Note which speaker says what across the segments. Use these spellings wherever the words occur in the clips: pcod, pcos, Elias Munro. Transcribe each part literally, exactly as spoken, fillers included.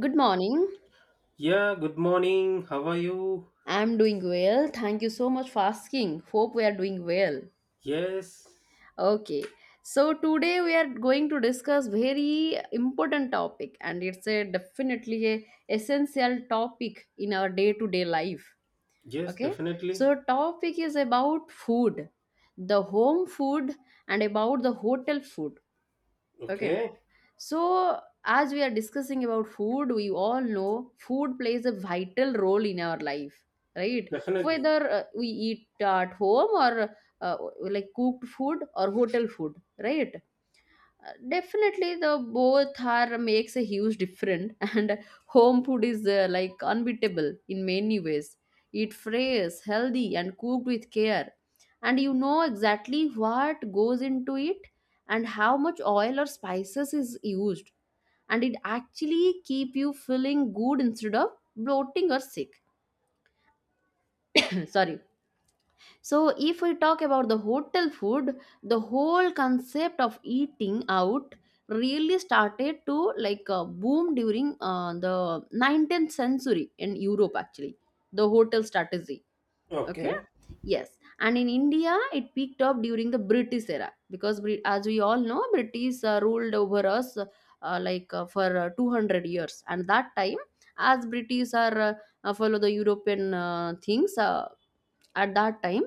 Speaker 1: Good morning.
Speaker 2: Yeah, good morning. How are you?
Speaker 1: I'm doing well. Thank you so much for asking. Hope we are doing well.
Speaker 2: Yes,
Speaker 1: Okay. So today we are going to discuss very important topic and it's a definitely a essential topic in our day-to-day life.
Speaker 2: yes,
Speaker 1: Okay?
Speaker 2: definitely.
Speaker 1: So topic is about food, the home food and about the hotel food. Okay?
Speaker 2: Okay,
Speaker 1: So, as we are discussing about food, we all know food plays a vital role in our life, right?
Speaker 2: definitely.
Speaker 1: Whether uh, we eat at home or uh, like cooked food or hotel food, right? Uh, Definitely, the both are makes a huge difference, and home food is uh, like unbeatable in many ways. It fresh, healthy, and cooked with care, and you know exactly what goes into it and how much oil or spices is used and it actually keep you feeling good instead of bloating or sick. Sorry. So if we talk about the hotel food, the whole concept of eating out really started to like uh, boom during uh, the nineteenth century in Europe, actually. The hotel strategy, okay,
Speaker 2: Okay,
Speaker 1: yes. And in India it peaked up during the British era, because Brit- as we all know, British uh, ruled over us, uh, uh, like uh, for uh, two hundred years, and that time, as British are uh, uh, follow the European uh, things, uh, at that time,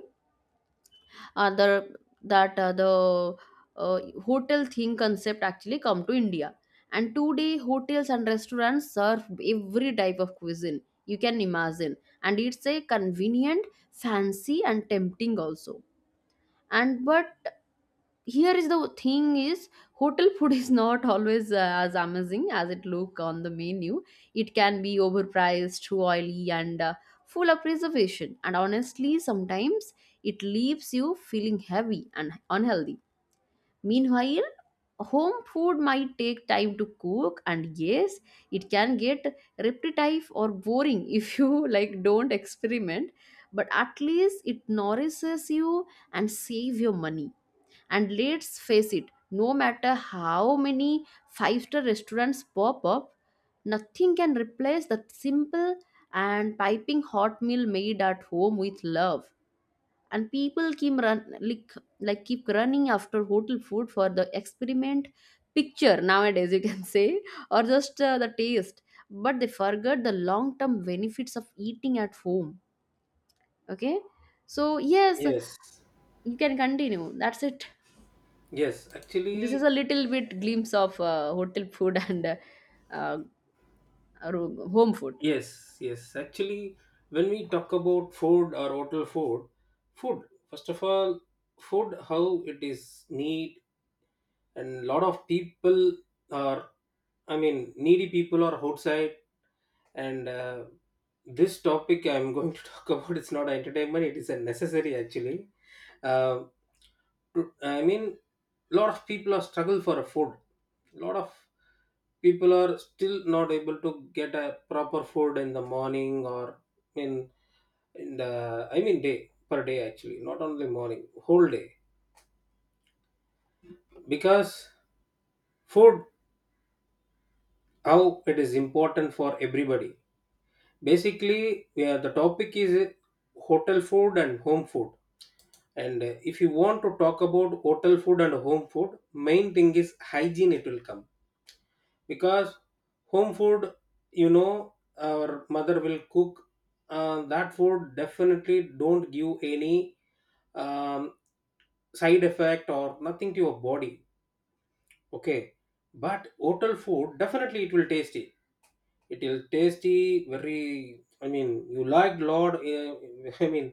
Speaker 1: uh, the that uh, the uh, hotel theme concept actually come to India. And today, hotels and restaurants serve every type of cuisine you can imagine, and it's a convenient, fancy, and tempting also. And but here is the thing is, hotel food is not always uh, as amazing as it look on the menu. It can be overpriced, too oily, and uh, full of preservation, and honestly sometimes it leaves you feeling heavy and unhealthy. Meanwhile, home food might take time to cook, and yes, it can get repetitive or boring if you like don't experiment, but at least it nourishes you and save your money. And let's face it, no matter how many five star restaurants pop up, nothing can replace that simple and piping hot meal made at home with love. And people keep run like, like keep running after hotel food for the experiment picture nowadays, you can say, or just uh, the taste. But they forget the long term benefits of eating at home. Okay, so yes,
Speaker 2: yes,
Speaker 1: you can continue. That's it.
Speaker 2: yes,
Speaker 1: This is
Speaker 2: actually,
Speaker 1: a little bit glimpse of uh, hotel food and uh, uh, ro- home food.
Speaker 2: yes, yes, actually, when we talk about food or hotel food, food, first of all, food, how it is need, and lot of people are, I mean, needy people are outside, and uh, this topic I'm going to talk about, it's not entertainment, it is a necessary actually. Um, I mean, lot of people are struggle for a food. Lot of people are still not able to get a proper food in the morning or in in the I mean day per day actually, not only morning, whole day because food how it is important for everybody. Basically, yeah, the topic is hotel food and home food. And uh, if you want to talk about hotel food and home food, main thing is hygiene. It will come because home food, you know, our mother will cook uh, that food definitely don't give any um, side effect or nothing to your body. Okay, but hotel food definitely it will tasty, it will tasty very, I mean you like lot, uh, I mean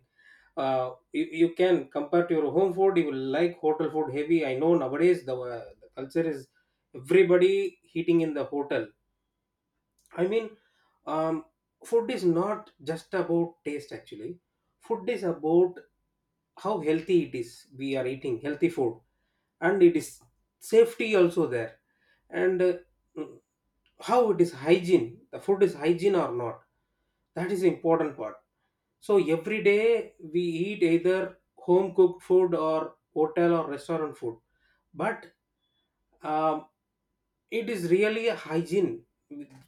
Speaker 2: uh, you, you can compare to your home food, you will like hotel food heavy. I know nowadays the, uh, the culture is everybody eating in the hotel. I mean, um, food is not just about taste actually. Food is about how healthy it is. We are eating healthy food, and it is safety also there, and uh, mm, how it is hygiene. The food is hygiene or not. That is the important part. So every day we eat either home cooked food or hotel or restaurant food, but um, it is really a hygiene,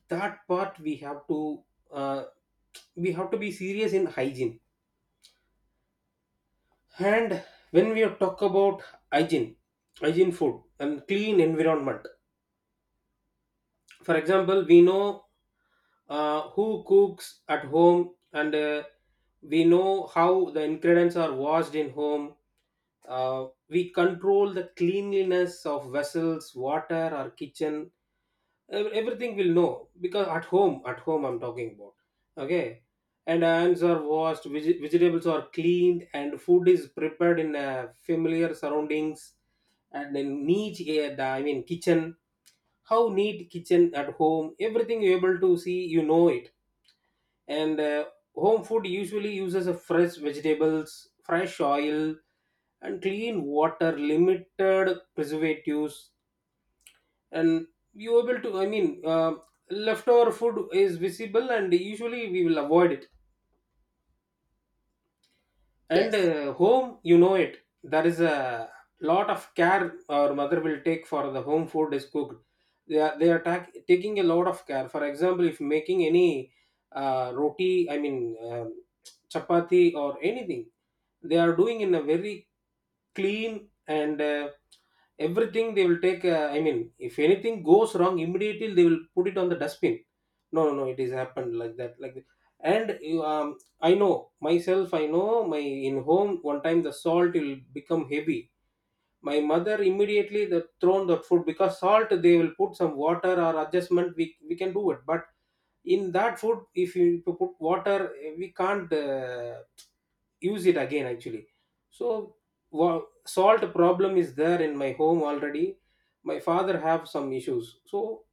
Speaker 2: that part we have to uh, we have to be serious in hygiene. And when we talk about hygiene hygiene food and clean environment, for example we know uh, who cooks at home, and uh, we know how the ingredients are washed in home. Uh, we control the cleanliness of vessels, water or kitchen, ev- everything will know because at home at home I'm talking about. Okay, and hands are washed, veg- vegetables are cleaned, and food is prepared in uh, familiar surroundings and in neat uh, the- I mean kitchen. How neat kitchen at home, everything you're able to see, you know it. And uh, home food usually uses a fresh vegetables, fresh oil, and clean water, limited preservatives. And you able to, I mean, uh, leftover food is visible and usually we will avoid it. And
Speaker 1: Yes.
Speaker 2: uh, home, you know it, there is a lot of care our mother will take for the home food is cooked. They are they are tak- taking a lot of care. For example, if making any uh, roti, I mean um chapati or anything, they are doing in a very clean, and uh, everything they will take. uh, I mean, if anything goes wrong immediately they will put it on the dustbin. No, no, no, it is happened like that like that. And you, um, I know myself, I know my in home one time the salt will become heavy, my mother immediately the thrown that food because salt they will put some water or adjustment, we, we can do it. But in that food if you to put water, eh, we can't uh, use it again actually. So wa- salt problem is there in my home already. My father have some issues so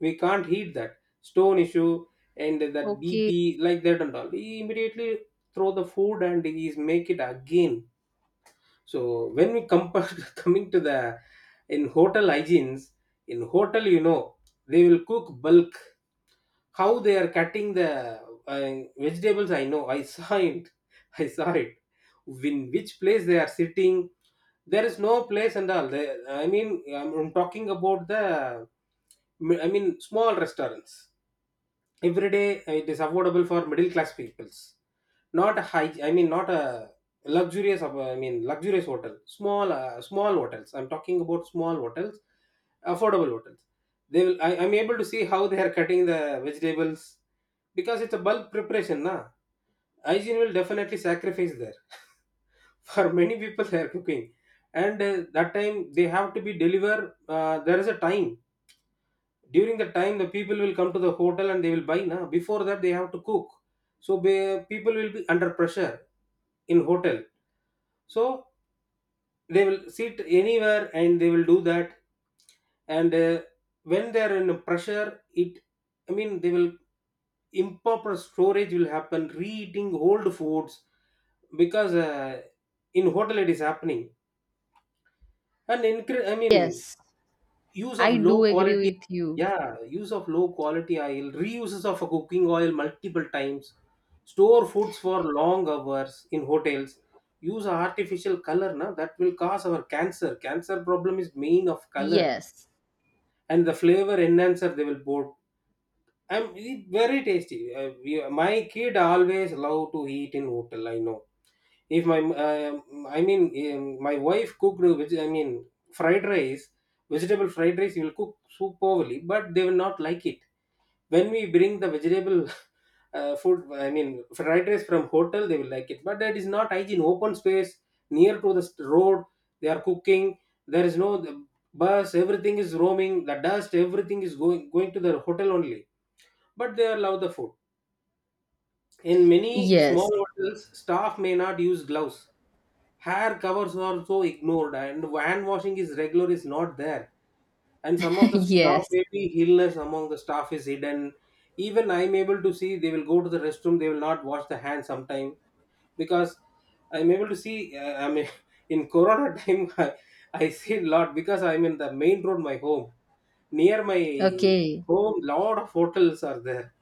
Speaker 2: we can't heat that, stone issue and that
Speaker 1: Okay.
Speaker 2: BP like that and all, he immediately throw the food and he's make it again. So when we compare, coming to the in hotel hygienes, in hotel you know they will cook bulk. How they are cutting the uh, vegetables, I know. I saw it. I saw it. In which place they are sitting, there is no place and all. They, I mean, I'm I'm talking about the, I mean, small restaurants, every day uh, it is affordable for middle class peoples, not a high, I mean not a luxurious of- I mean luxurious hotel, small uh, small hotels, I'm talking about small hotels, affordable hotels. They will I, I'm able to see how they are cutting the vegetables, because it's a bulk preparation na, hygiene will definitely sacrifice there. For many people they are cooking, and uh, that time they have to be delivered. Uh, there is a time, during the time the people will come to the hotel and they will buy na, before that they have to cook. So be, people will be under pressure in hotel. So they will sit anywhere and they will do that. And uh, when they are in pressure, it I mean they will improper storage will happen, re-eating old foods, because uh, in hotel it is happening. And incre- i mean
Speaker 1: Yes.
Speaker 2: use of
Speaker 1: I do
Speaker 2: low
Speaker 1: agree
Speaker 2: quality,
Speaker 1: with you.
Speaker 2: yeah, use of low quality oil, reuses of a cooking oil multiple times, store foods for long hours in hotels, use artificial color na, that will cause our cancer. Cancer problem is main of color,
Speaker 1: Yes.
Speaker 2: and the flavor enhancer they will put, I'm it very tasty. Uh, we, my kid always love to eat in hotel, I know. If my, uh, i mean um, my wife cooked, which i mean fried rice, vegetable fried rice you will cook superbly, but they will not like it. When we bring the vegetable uh, food I mean fried rice from hotel, they will like it. But that is not hygiene, open space near to the st- road they are cooking. There is no the bus, everything is roaming, the dust everything is going going to the hotel only, but they allow the food. In many
Speaker 1: Yes.
Speaker 2: small hotels, staff may not use gloves, hair covers are so ignored, and hand washing is regular is not there. And some of the staff,
Speaker 1: Yes.
Speaker 2: maybe illness among the staff is hidden. Even I'm able to see, they will go to the restroom, they will not wash the hand sometime. Because I'm able to see, uh, i mean in corona time, I, I see a lot because I'm in the main road. My home, near my
Speaker 1: Okay.
Speaker 2: home lot of hotels are there.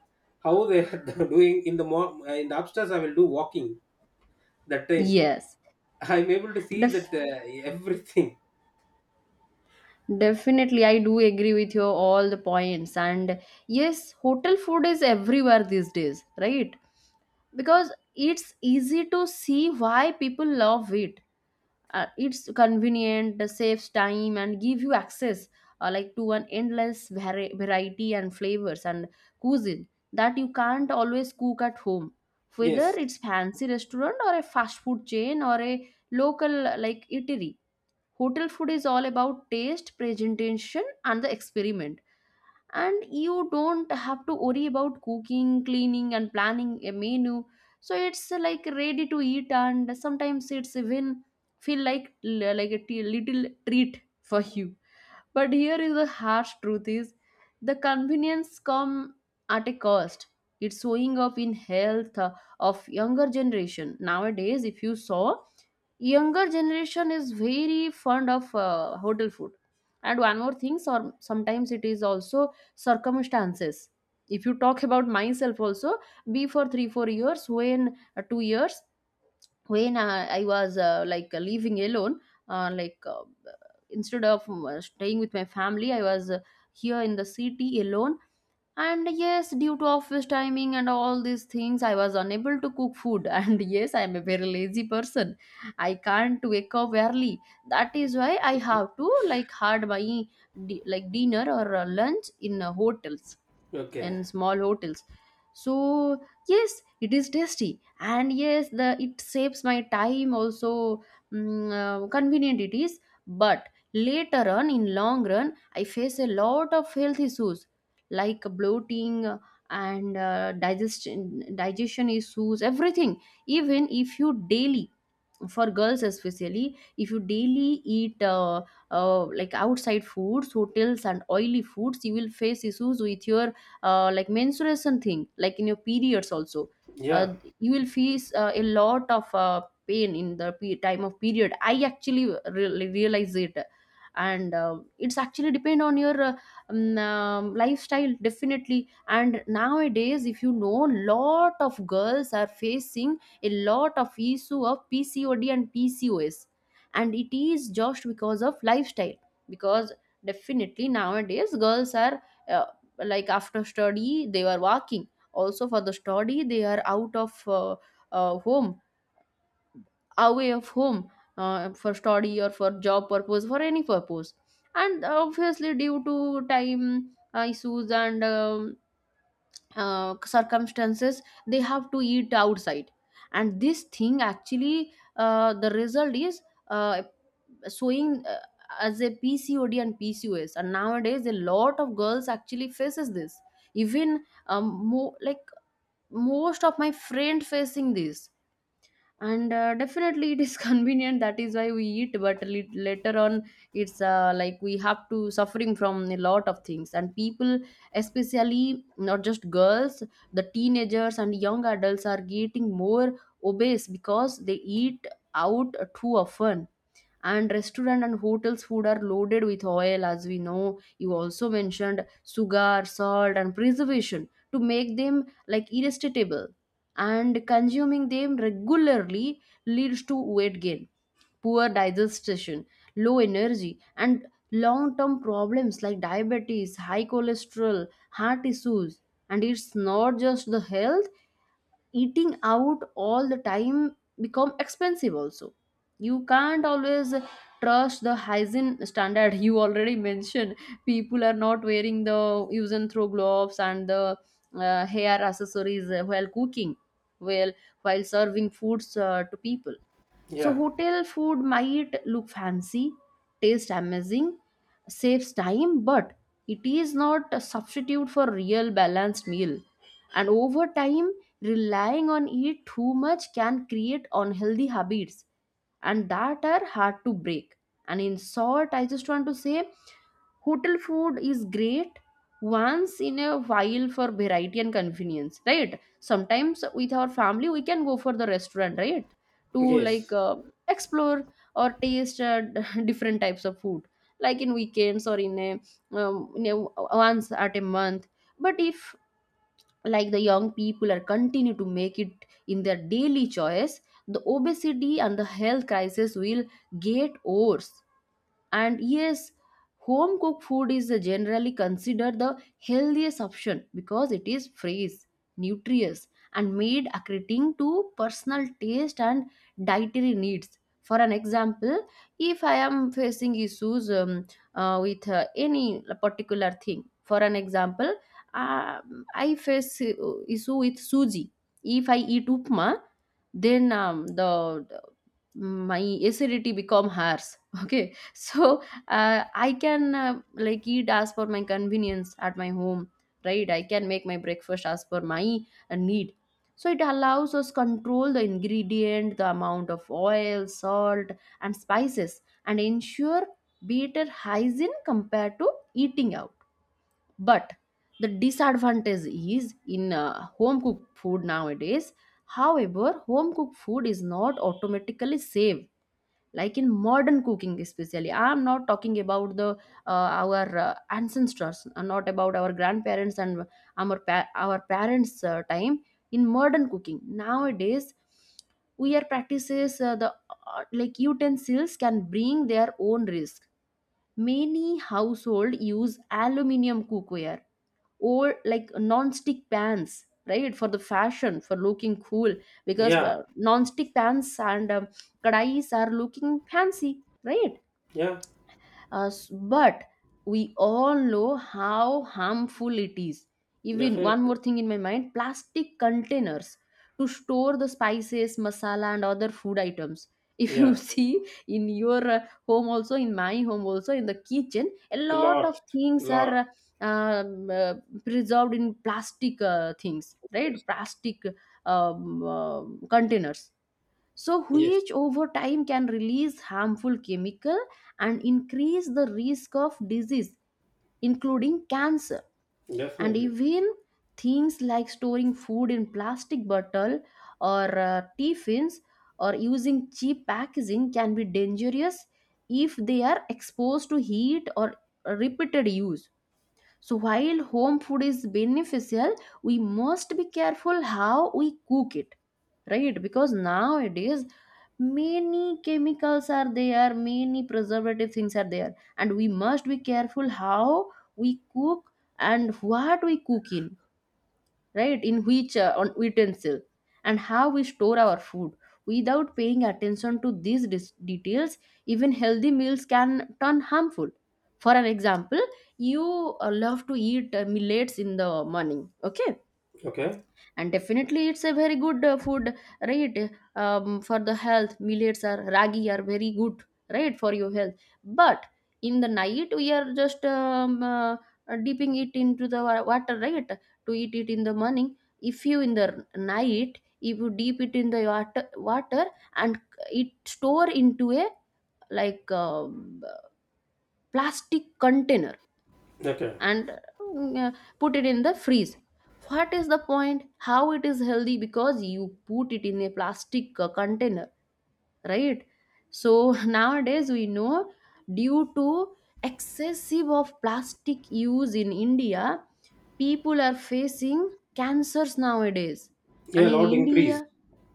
Speaker 2: How they are doing, in the mor- in the upstairs I will do walking, that time
Speaker 1: Yes.
Speaker 2: I'm able to see
Speaker 1: Def-
Speaker 2: that, uh, everything.
Speaker 1: Definitely, I do agree with you all the points. And yes, hotel food is everywhere these days, right? Because it's easy to see why people love it. Uh, it's convenient, uh, saves time, and give you access uh, like to an endless vari- variety and flavors and cuisine that you can't always cook at home, whether
Speaker 2: Yes.
Speaker 1: it's fancy restaurant or a fast food chain or a local uh, like eatery. Hotel food is all about taste, presentation, and the experiment, and you don't have to worry about cooking, cleaning, and planning a menu. So it's uh, like ready to eat, and sometimes it's even feel like l- like a t- little treat for you. But here is the harsh truth is, the convenience come at a cost. It's showing up in health uh, of younger generation nowadays. If you saw, younger generation is very fond of uh, hotel food. And one more thing, so sometimes it is also circumstances. If you talk about myself also, before three four years, when uh, two years, when uh, I was uh, like living alone, uh, like uh, instead of um, uh, staying with my family, I was uh, here in the city alone. And yes, due to office timing and all these things, I was unable to cook food. And yes, I'm a very lazy person. I can't wake up early. That is why I have to like hard my di- like dinner or uh, lunch in uh, hotels
Speaker 2: Okay.
Speaker 1: and small hotels. So yes, it is tasty, and yes the it saves my time also. Mm, uh, convenient it is, but later on in long run I face a lot of health issues like bloating, and uh, digestion digestion issues, everything. Even if you daily, for girls especially, if you daily eat uh, uh, like outside foods, hotels, and oily foods, you will face issues with your uh, like menstruation thing, like in your periods also. uh,
Speaker 2: Yeah.
Speaker 1: you will face uh, a lot of uh, pain in the pe- time of period. I actually really realize it. And uh, it's actually depend on your uh, um, um, lifestyle, definitely. And nowadays, if you know, lot of girls are facing a lot of issue of PCOD and PCOS, and it is just because of lifestyle, because definitely nowadays girls are uh, like after study they are working, also for the study they are out of uh, uh, home, away of home, uh, for study or for job purpose, for any purpose. And obviously due to time uh, issues and um, uh, circumstances, they have to eat outside, and this thing actually uh, the result is uh, showing uh, as a PCOD and PCOS, and nowadays a lot of girls actually faces this. Even um, mo- like most of my friend facing this. And uh, definitely it is convenient, that is why we eat, but lit- later on it's uh, like we have to suffering from a lot of things. And people, especially not just girls, the teenagers and young adults are getting more obese because they eat out too often, and restaurant and hotels food are loaded with oil, as we know, you also mentioned, sugar, salt, and preservation to make them like irresistible. And consuming them regularly leads to weight gain, poor digestion, low energy, and long term problems like diabetes, high cholesterol, heart issues. And it's not just the health, eating out all the time become expensive also. You can't always trust the hygiene standard, you already mentioned people are not wearing the use and throw gloves and the uh, hair accessories while cooking, well, while serving foods uh, to people. So,
Speaker 2: Yeah.
Speaker 1: hotel food might look fancy, taste amazing, saves time, but it is not a substitute for real balanced meal. And over time, relying on it too much can create unhealthy habits and that are hard to break. And in short, I just want to say hotel food is great once in a while for variety and convenience, right? Sometimes with our family we can go for the restaurant, right, to
Speaker 2: Yes.
Speaker 1: like uh, explore or taste uh, different types of food, like in weekends or in a um, in a once at a month. But if like the young people are continue to make it in their daily choice, the obesity and the health crisis will get worse. And yes, home cooked food is generally considered the healthiest option because it is fresh, nutritious, and made according to personal taste and dietary needs. For an example, if I am facing issues um, uh, with uh, any particular thing, for an example, uh, I face uh, issue with suji. If I eat upma, then um, the the- my acidity become harsh. Okay. So uh, I can uh, like eat as per my convenience at my home, right? I can make my breakfast as per my uh, need. So it allows us control the ingredient, the amount of oil, salt, and spices, and ensure better hygiene compared to eating out. But the disadvantage is in uh, home cooked food nowadays. However, home cooked food is not automatically safe, like in modern cooking, especially. I'm not talking about the uh, our uh, ancestors, uh, not about our grandparents and our pa- our parents uh, time. In modern cooking nowadays, we are practices uh, the uh, like utensils can bring their own risk. Many household use aluminium cookware or like non-stick pans, right, for the fashion, for looking cool, because
Speaker 2: Yeah.
Speaker 1: uh, non-stick pans and um, kadais are looking fancy, right?
Speaker 2: Yeah.
Speaker 1: Uh, s- but we all know how harmful it is. Even one
Speaker 2: Definitely.
Speaker 1: more thing in my mind, plastic containers to store the spices, masala, and other food items. If you
Speaker 2: Yeah,
Speaker 1: see in your uh, home, also in my home, also in the kitchen, a lot
Speaker 2: lot
Speaker 1: of things are
Speaker 2: Lot.
Speaker 1: uh, um, uh, preserved in plastic uh, things, right?
Speaker 2: Yes.
Speaker 1: Plastic um, uh, containers, so
Speaker 2: Yes.
Speaker 1: which over time can release harmful chemical and increase the risk of disease, including cancer. And
Speaker 2: Definitely.
Speaker 1: even things like storing food in plastic bottle or uh, tiffins, or using cheap packaging can be dangerous if they are exposed to heat or repeated use. So while home food is beneficial, we must be careful how we cook it, right? Because nowadays many chemicals are there, many preservative things are there, and we must be careful how we cook and what we cook in, right? In which uh, on utensil and how we store our food. Without paying attention to these dis- details, even healthy meals can turn harmful. For an example, you uh, love to eat uh, millets in the morning, okay?
Speaker 2: Okay.
Speaker 1: And definitely it's a very good uh, food, right? Um, for the health, millets are ragi are very good, right? For your health. But in the night we are just um, uh, dipping it into the wa- water, right? To eat it in the morning. If you in the night, if you dip it in the water, water, and it store into a, like, um, plastic container,
Speaker 2: Okay.
Speaker 1: and mm, uh, put it in the freeze. What is the point? How it is healthy? Because you put it in a plastic uh, container, right? So nowadays we know, due to excessive of plastic use in India, people are facing cancers nowadays. And
Speaker 2: Yeah.
Speaker 1: in
Speaker 2: Lot increase.
Speaker 1: India,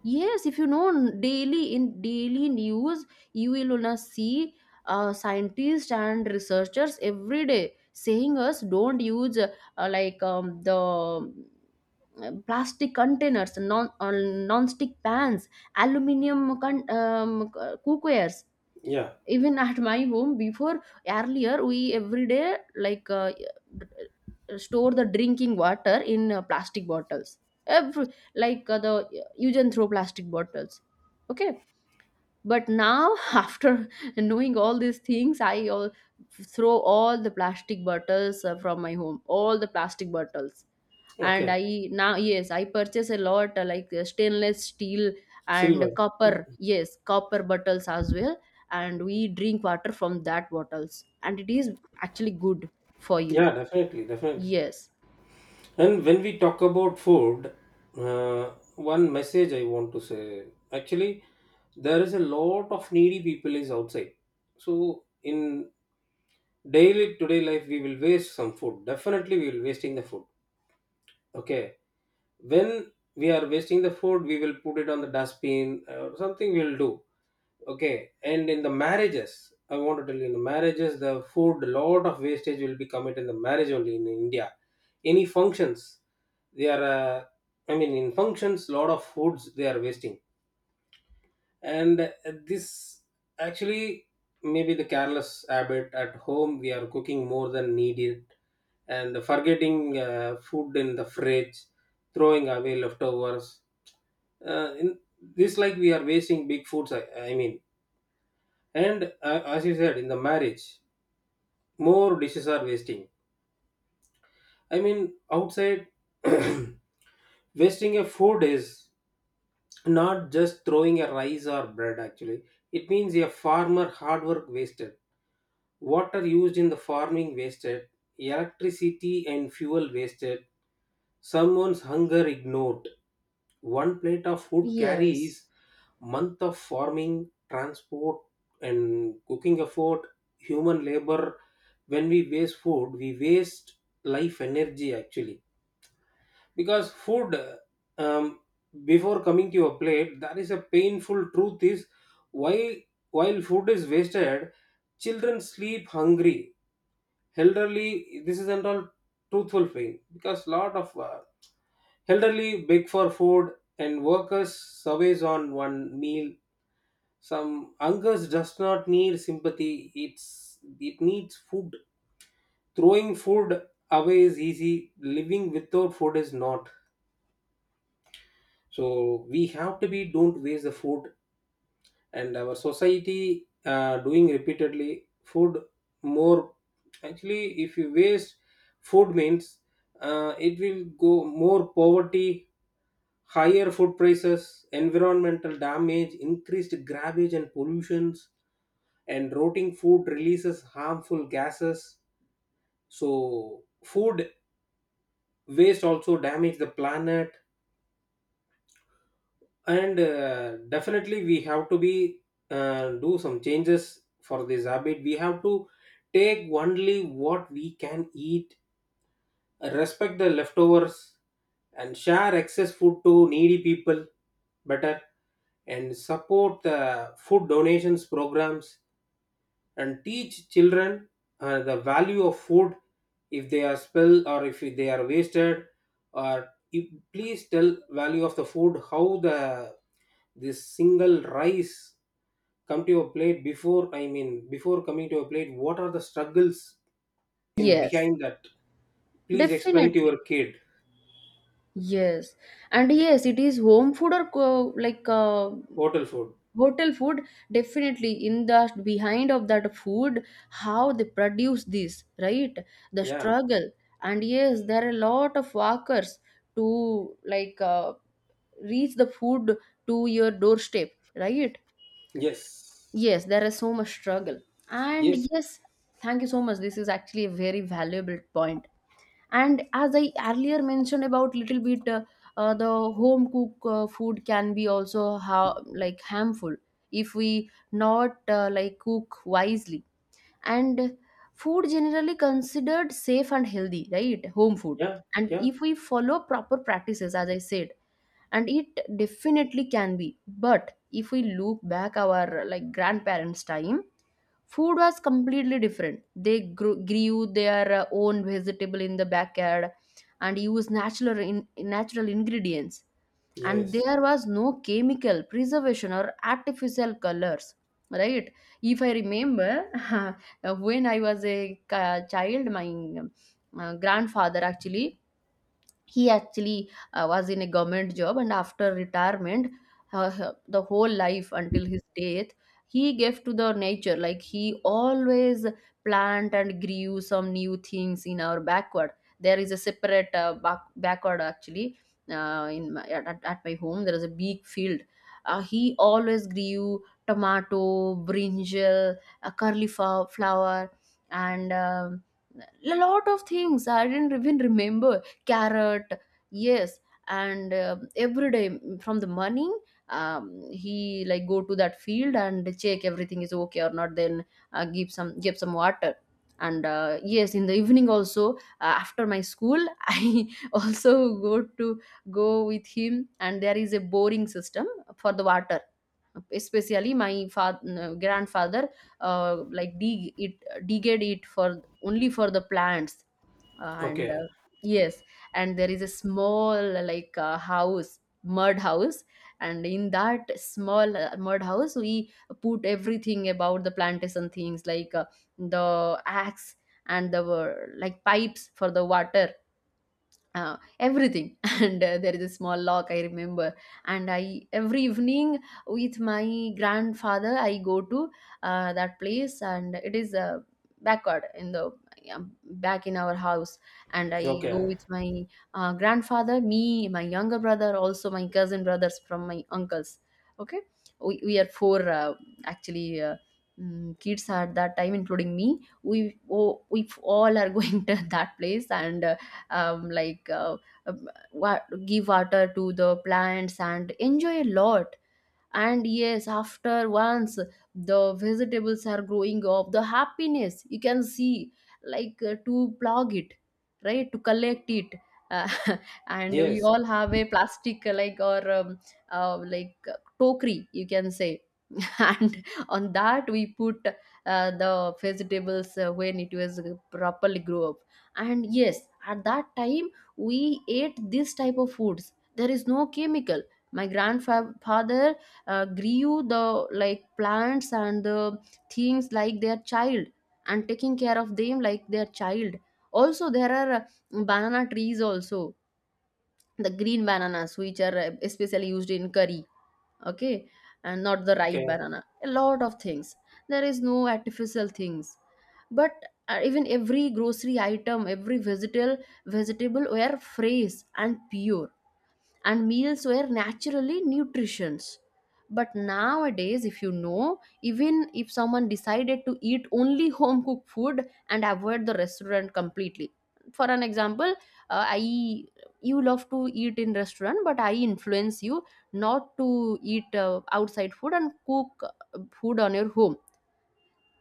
Speaker 1: yes, if you know n- daily, in daily news, you will wanna see uh, scientists and researchers every day saying us, don't use uh, like, um, the uh, plastic containers, non uh, non-stick pans, aluminium con- um, c- uh, cookwares.
Speaker 2: Yeah.
Speaker 1: Even at my home before, earlier, we every day like uh, uh, store the drinking water in uh, plastic bottles, every, like, uh, the use and throw plastic bottles, okay? But now, after knowing all these things, I all, throw all the plastic bottles uh, from my home, all the plastic bottles. And
Speaker 2: Okay.
Speaker 1: I now, yes, I purchase a lot uh, like, uh, stainless steel and
Speaker 2: Silver.
Speaker 1: copper, yes, copper bottles as well. And we drink water from that bottles, and it is actually good for you.
Speaker 2: Yeah. Definitely. Definitely.
Speaker 1: Yes.
Speaker 2: And when we talk about food, uh, one message I want to say. Actually, there is a lot of needy people is outside. So in daily today life, we will waste some food. Definitely, we will wasting the food. Okay, when we are wasting the food, we will put it on the dustbin or something, we will do. Okay, and in the marriages, I want to tell you, in the marriages the food, a lot of wastage will be committed in the marriage only in India. Any functions, they are, uh, I mean, in functions lot of foods they are wasting. And uh, this actually maybe the careless habit at home, we are cooking more than needed, and forgetting uh, food in the fridge, throwing away leftovers. Uh, in this like we are wasting big foods. I, I mean. And uh, as you said, in the marriage more dishes are wasting. I mean, outside, wasting a food is not just throwing a rice or bread, actually. It means a farmer hard work wasted, water used in the farming wasted, electricity and fuel wasted, someone's hunger ignored. One plate of food
Speaker 1: Yes.
Speaker 2: carries month of farming, transport, and cooking effort, human labor. When we waste food, we waste life energy actually. Because food, um, before coming to your plate, that is a painful truth. Is why, while food is wasted, children sleep hungry. Elderly, this isn't all truthful thing, because lot of uh, elderly beg for food, and workers survive on one meal. Some hunger does not need sympathy; it's it needs food. Throwing food away is easy. Living without food is not. So we have to be don't waste the food, and our society uh, doing repeatedly food more. Actually, if you waste food means uh, it will go more poverty, higher food prices, environmental damage, increased garbage and pollutions, and rotting food releases harmful gases. So food waste also damage the planet, and uh, definitely we have to be uh, do some changes for this habit. We have to take only what we can eat, respect the leftovers, and share excess food to needy people better, and support the food donations programs, and teach children uh, the value of food. If they are spilled or if they are wasted or if, please tell value of the food, how the this single rice come to your plate before, I mean before coming to your plate what are the struggles in
Speaker 1: Yes,
Speaker 2: behind that. Please explain to
Speaker 1: definitely.
Speaker 2: your kid.
Speaker 1: Yes. And yes, it is home food or co- like, uh,
Speaker 2: Hotel food.
Speaker 1: hotel food. Definitely in the behind of that food, how they produce this, right? The
Speaker 2: Yeah.
Speaker 1: struggle. And yes, there are a lot of workers to, like, uh, reach the food to your doorstep, right?
Speaker 2: Yes.
Speaker 1: Yes, there is so much struggle. And
Speaker 2: Yes.
Speaker 1: yes. Thank you so much. This is actually a very valuable point. And as I earlier mentioned about little bit, uh, uh, the home cook uh, food can be also how like harmful if we not uh, like cook wisely. And food generally considered safe and healthy, right? Home food.
Speaker 2: Yeah.
Speaker 1: And
Speaker 2: Yeah.
Speaker 1: if we follow proper practices, as I said, and it definitely can be. But if we look back our like grandparents' time, food was completely different. They grew, grew their uh, own vegetable in the backyard and used natural in, natural ingredients. And
Speaker 2: Yes.
Speaker 1: there was no chemical preservation or artificial colors, right? If I remember, when I was a ca- child, my um, uh, grandfather actually, he actually uh, was in a government job, and after retirement, uh, h- the whole life until his death, he gave to the nature. Like, he always plant and grew some new things in our backward. There is a separate uh, back, backward actually, uh, in my, at, at at my home, there is a big field. Uh, he always grew tomato, brinjal, a curly flow- flower, and um, a lot of things I didn't even remember, carrot. Yes. And uh, every day, mm, from the morning, um, he like go to that field and check everything is okay or not. Then uh, give some, give some water. And uh, yes, in the evening also, uh, after my school, I also go to, go with him. And there is a boring system for the water. Especially my father, grandfather, uh, like dig it, digged it for only for the plants. Uh, and
Speaker 2: Okay.
Speaker 1: uh, yes. And there is a small, like, uh, house, mud house. And in that small uh, mud house, we put everything about the plantation things, like, uh, the axe, and the uh, like pipes for the water, uh, everything. and uh, there is a small lock, I remember. And I every evening, with my grandfather, I go to uh, that place. And it is a backyard in the, yeah, back in our house. And I go
Speaker 2: Okay.
Speaker 1: with my uh, grandfather, me, my younger brother, also my cousin brothers from my uncles. Okay, we, we are four uh, actually, uh, mm, kids at that time, including me. We, oh, we all are going to that place. And uh, um, like, uh, um, wa- give water to the plants and enjoy a lot. And yes, after once the vegetables are growing up, the happiness you can see, like, uh, to plug it, right? To collect it. uh, and we
Speaker 2: Yes.
Speaker 1: all have a plastic uh, like, or, um, uh, like, uh, tokri, you can say. and on that we put uh, the vegetables uh, when it was properly grow up. And yes, at that time we ate this type of foods. There is no chemical. My grandfather uh, grew the, like, plants and the things like their child, and taking care of them like their child. Also there are uh, banana trees also, the green bananas, which are uh, especially used in curry, okay? And not the ripe
Speaker 2: Okay.
Speaker 1: banana. A lot of things, there is no artificial things. But uh, even every grocery item, every vegetable vegetable were fresh and pure, and meals were naturally nutritious. But nowadays, if you know, even if someone decided to eat only home cooked food and avoid the restaurant completely, for an example, uh, I, you love to eat in restaurant, but I influence you not to eat uh, outside food and cook uh, food on your home.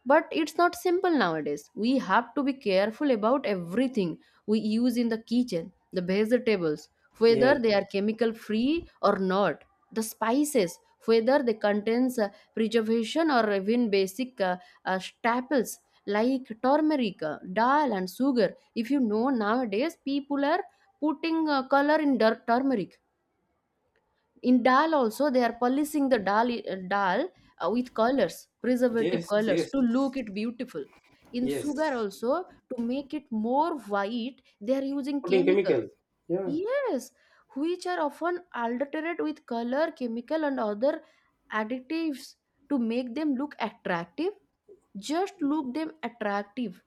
Speaker 1: But it's not simple nowadays. We have to be careful about everything we use in the kitchen, the vegetables, whether
Speaker 2: Yes.
Speaker 1: they are chemical free or not, the spices, whether they contains uh, preservation, or even basic uh, uh, staples like turmeric, uh, dal, and sugar. If you know nowadays, people are putting uh, color in dirt turmeric. In dal also, they are polishing the dal uh, dal uh, with colors, preservative
Speaker 2: Yes.
Speaker 1: colors,
Speaker 2: Yes.
Speaker 1: to look it beautiful. In sugar
Speaker 2: Yes.
Speaker 1: also, to make it more white, they are using
Speaker 2: Putting
Speaker 1: chemicals,
Speaker 2: chemical. Yeah.
Speaker 1: yes, which are often altered with color, chemical, and other additives to make them look attractive, just look them attractive.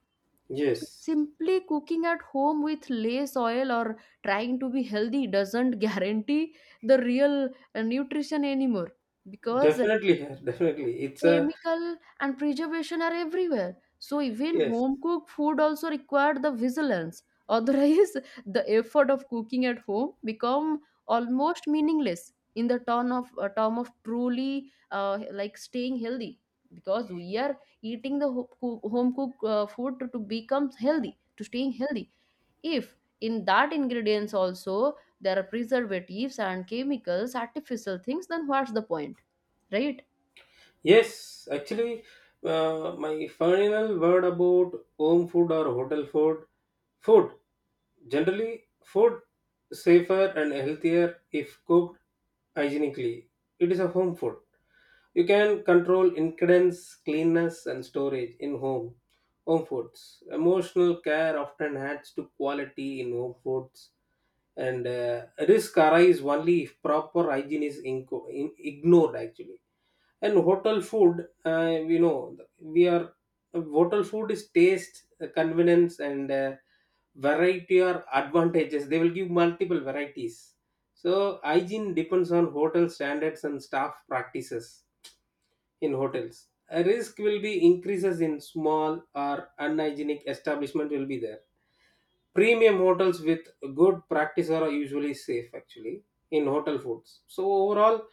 Speaker 1: So
Speaker 2: Yes.
Speaker 1: simply cooking at home with less oil or trying to be healthy doesn't guarantee the real uh, nutrition anymore, because
Speaker 2: Definitely. Yeah, definitely. It's a
Speaker 1: chemical and preservation are everywhere. So even
Speaker 2: yes.
Speaker 1: home cooked food also required the vigilance. Otherwise, the effort of cooking at home become almost meaningless in the term of, uh, term of truly uh, like staying healthy, because we are eating the ho- coo- home cooked uh, food to, to become healthy, to staying healthy. If in that ingredients also there are preservatives and chemicals, artificial things, then what's the point? Right.
Speaker 2: Yes. Actually, uh, my final word about home food or hotel food. Food generally food safer and healthier if cooked hygienically. It is a home food. You can control ingredients, cleanness, and storage in home. Home foods. Emotional care often adds to quality in home foods, and uh, risk arise only if proper hygiene is inco- in- ignored. Actually, and hotel food, uh, we know we are, hotel food is taste, uh, convenience, and uh, variety are advantages. They will give multiple varieties. So hygiene depends on hotel standards and staff practices in hotels. A risk will be increases in small or unhygienic establishment will be there. Premium hotels with good practice are usually safe actually in hotel foods. So overall,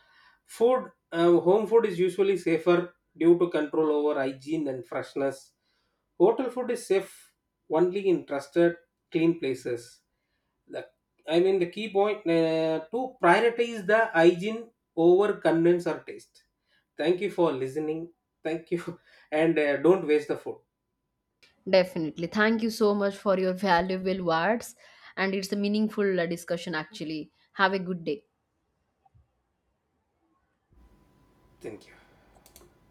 Speaker 2: food, uh, home food is usually safer due to control over hygiene and freshness. Hotel food is safe only in trusted, clean places. The I mean, the key point, uh, to prioritize the hygiene over convenience or taste. Thank you for listening. Thank you. And uh, don't waste the food.
Speaker 1: Definitely. Thank you so much for your valuable words. And it's a meaningful uh, discussion, actually. Have a good day.
Speaker 2: Thank you.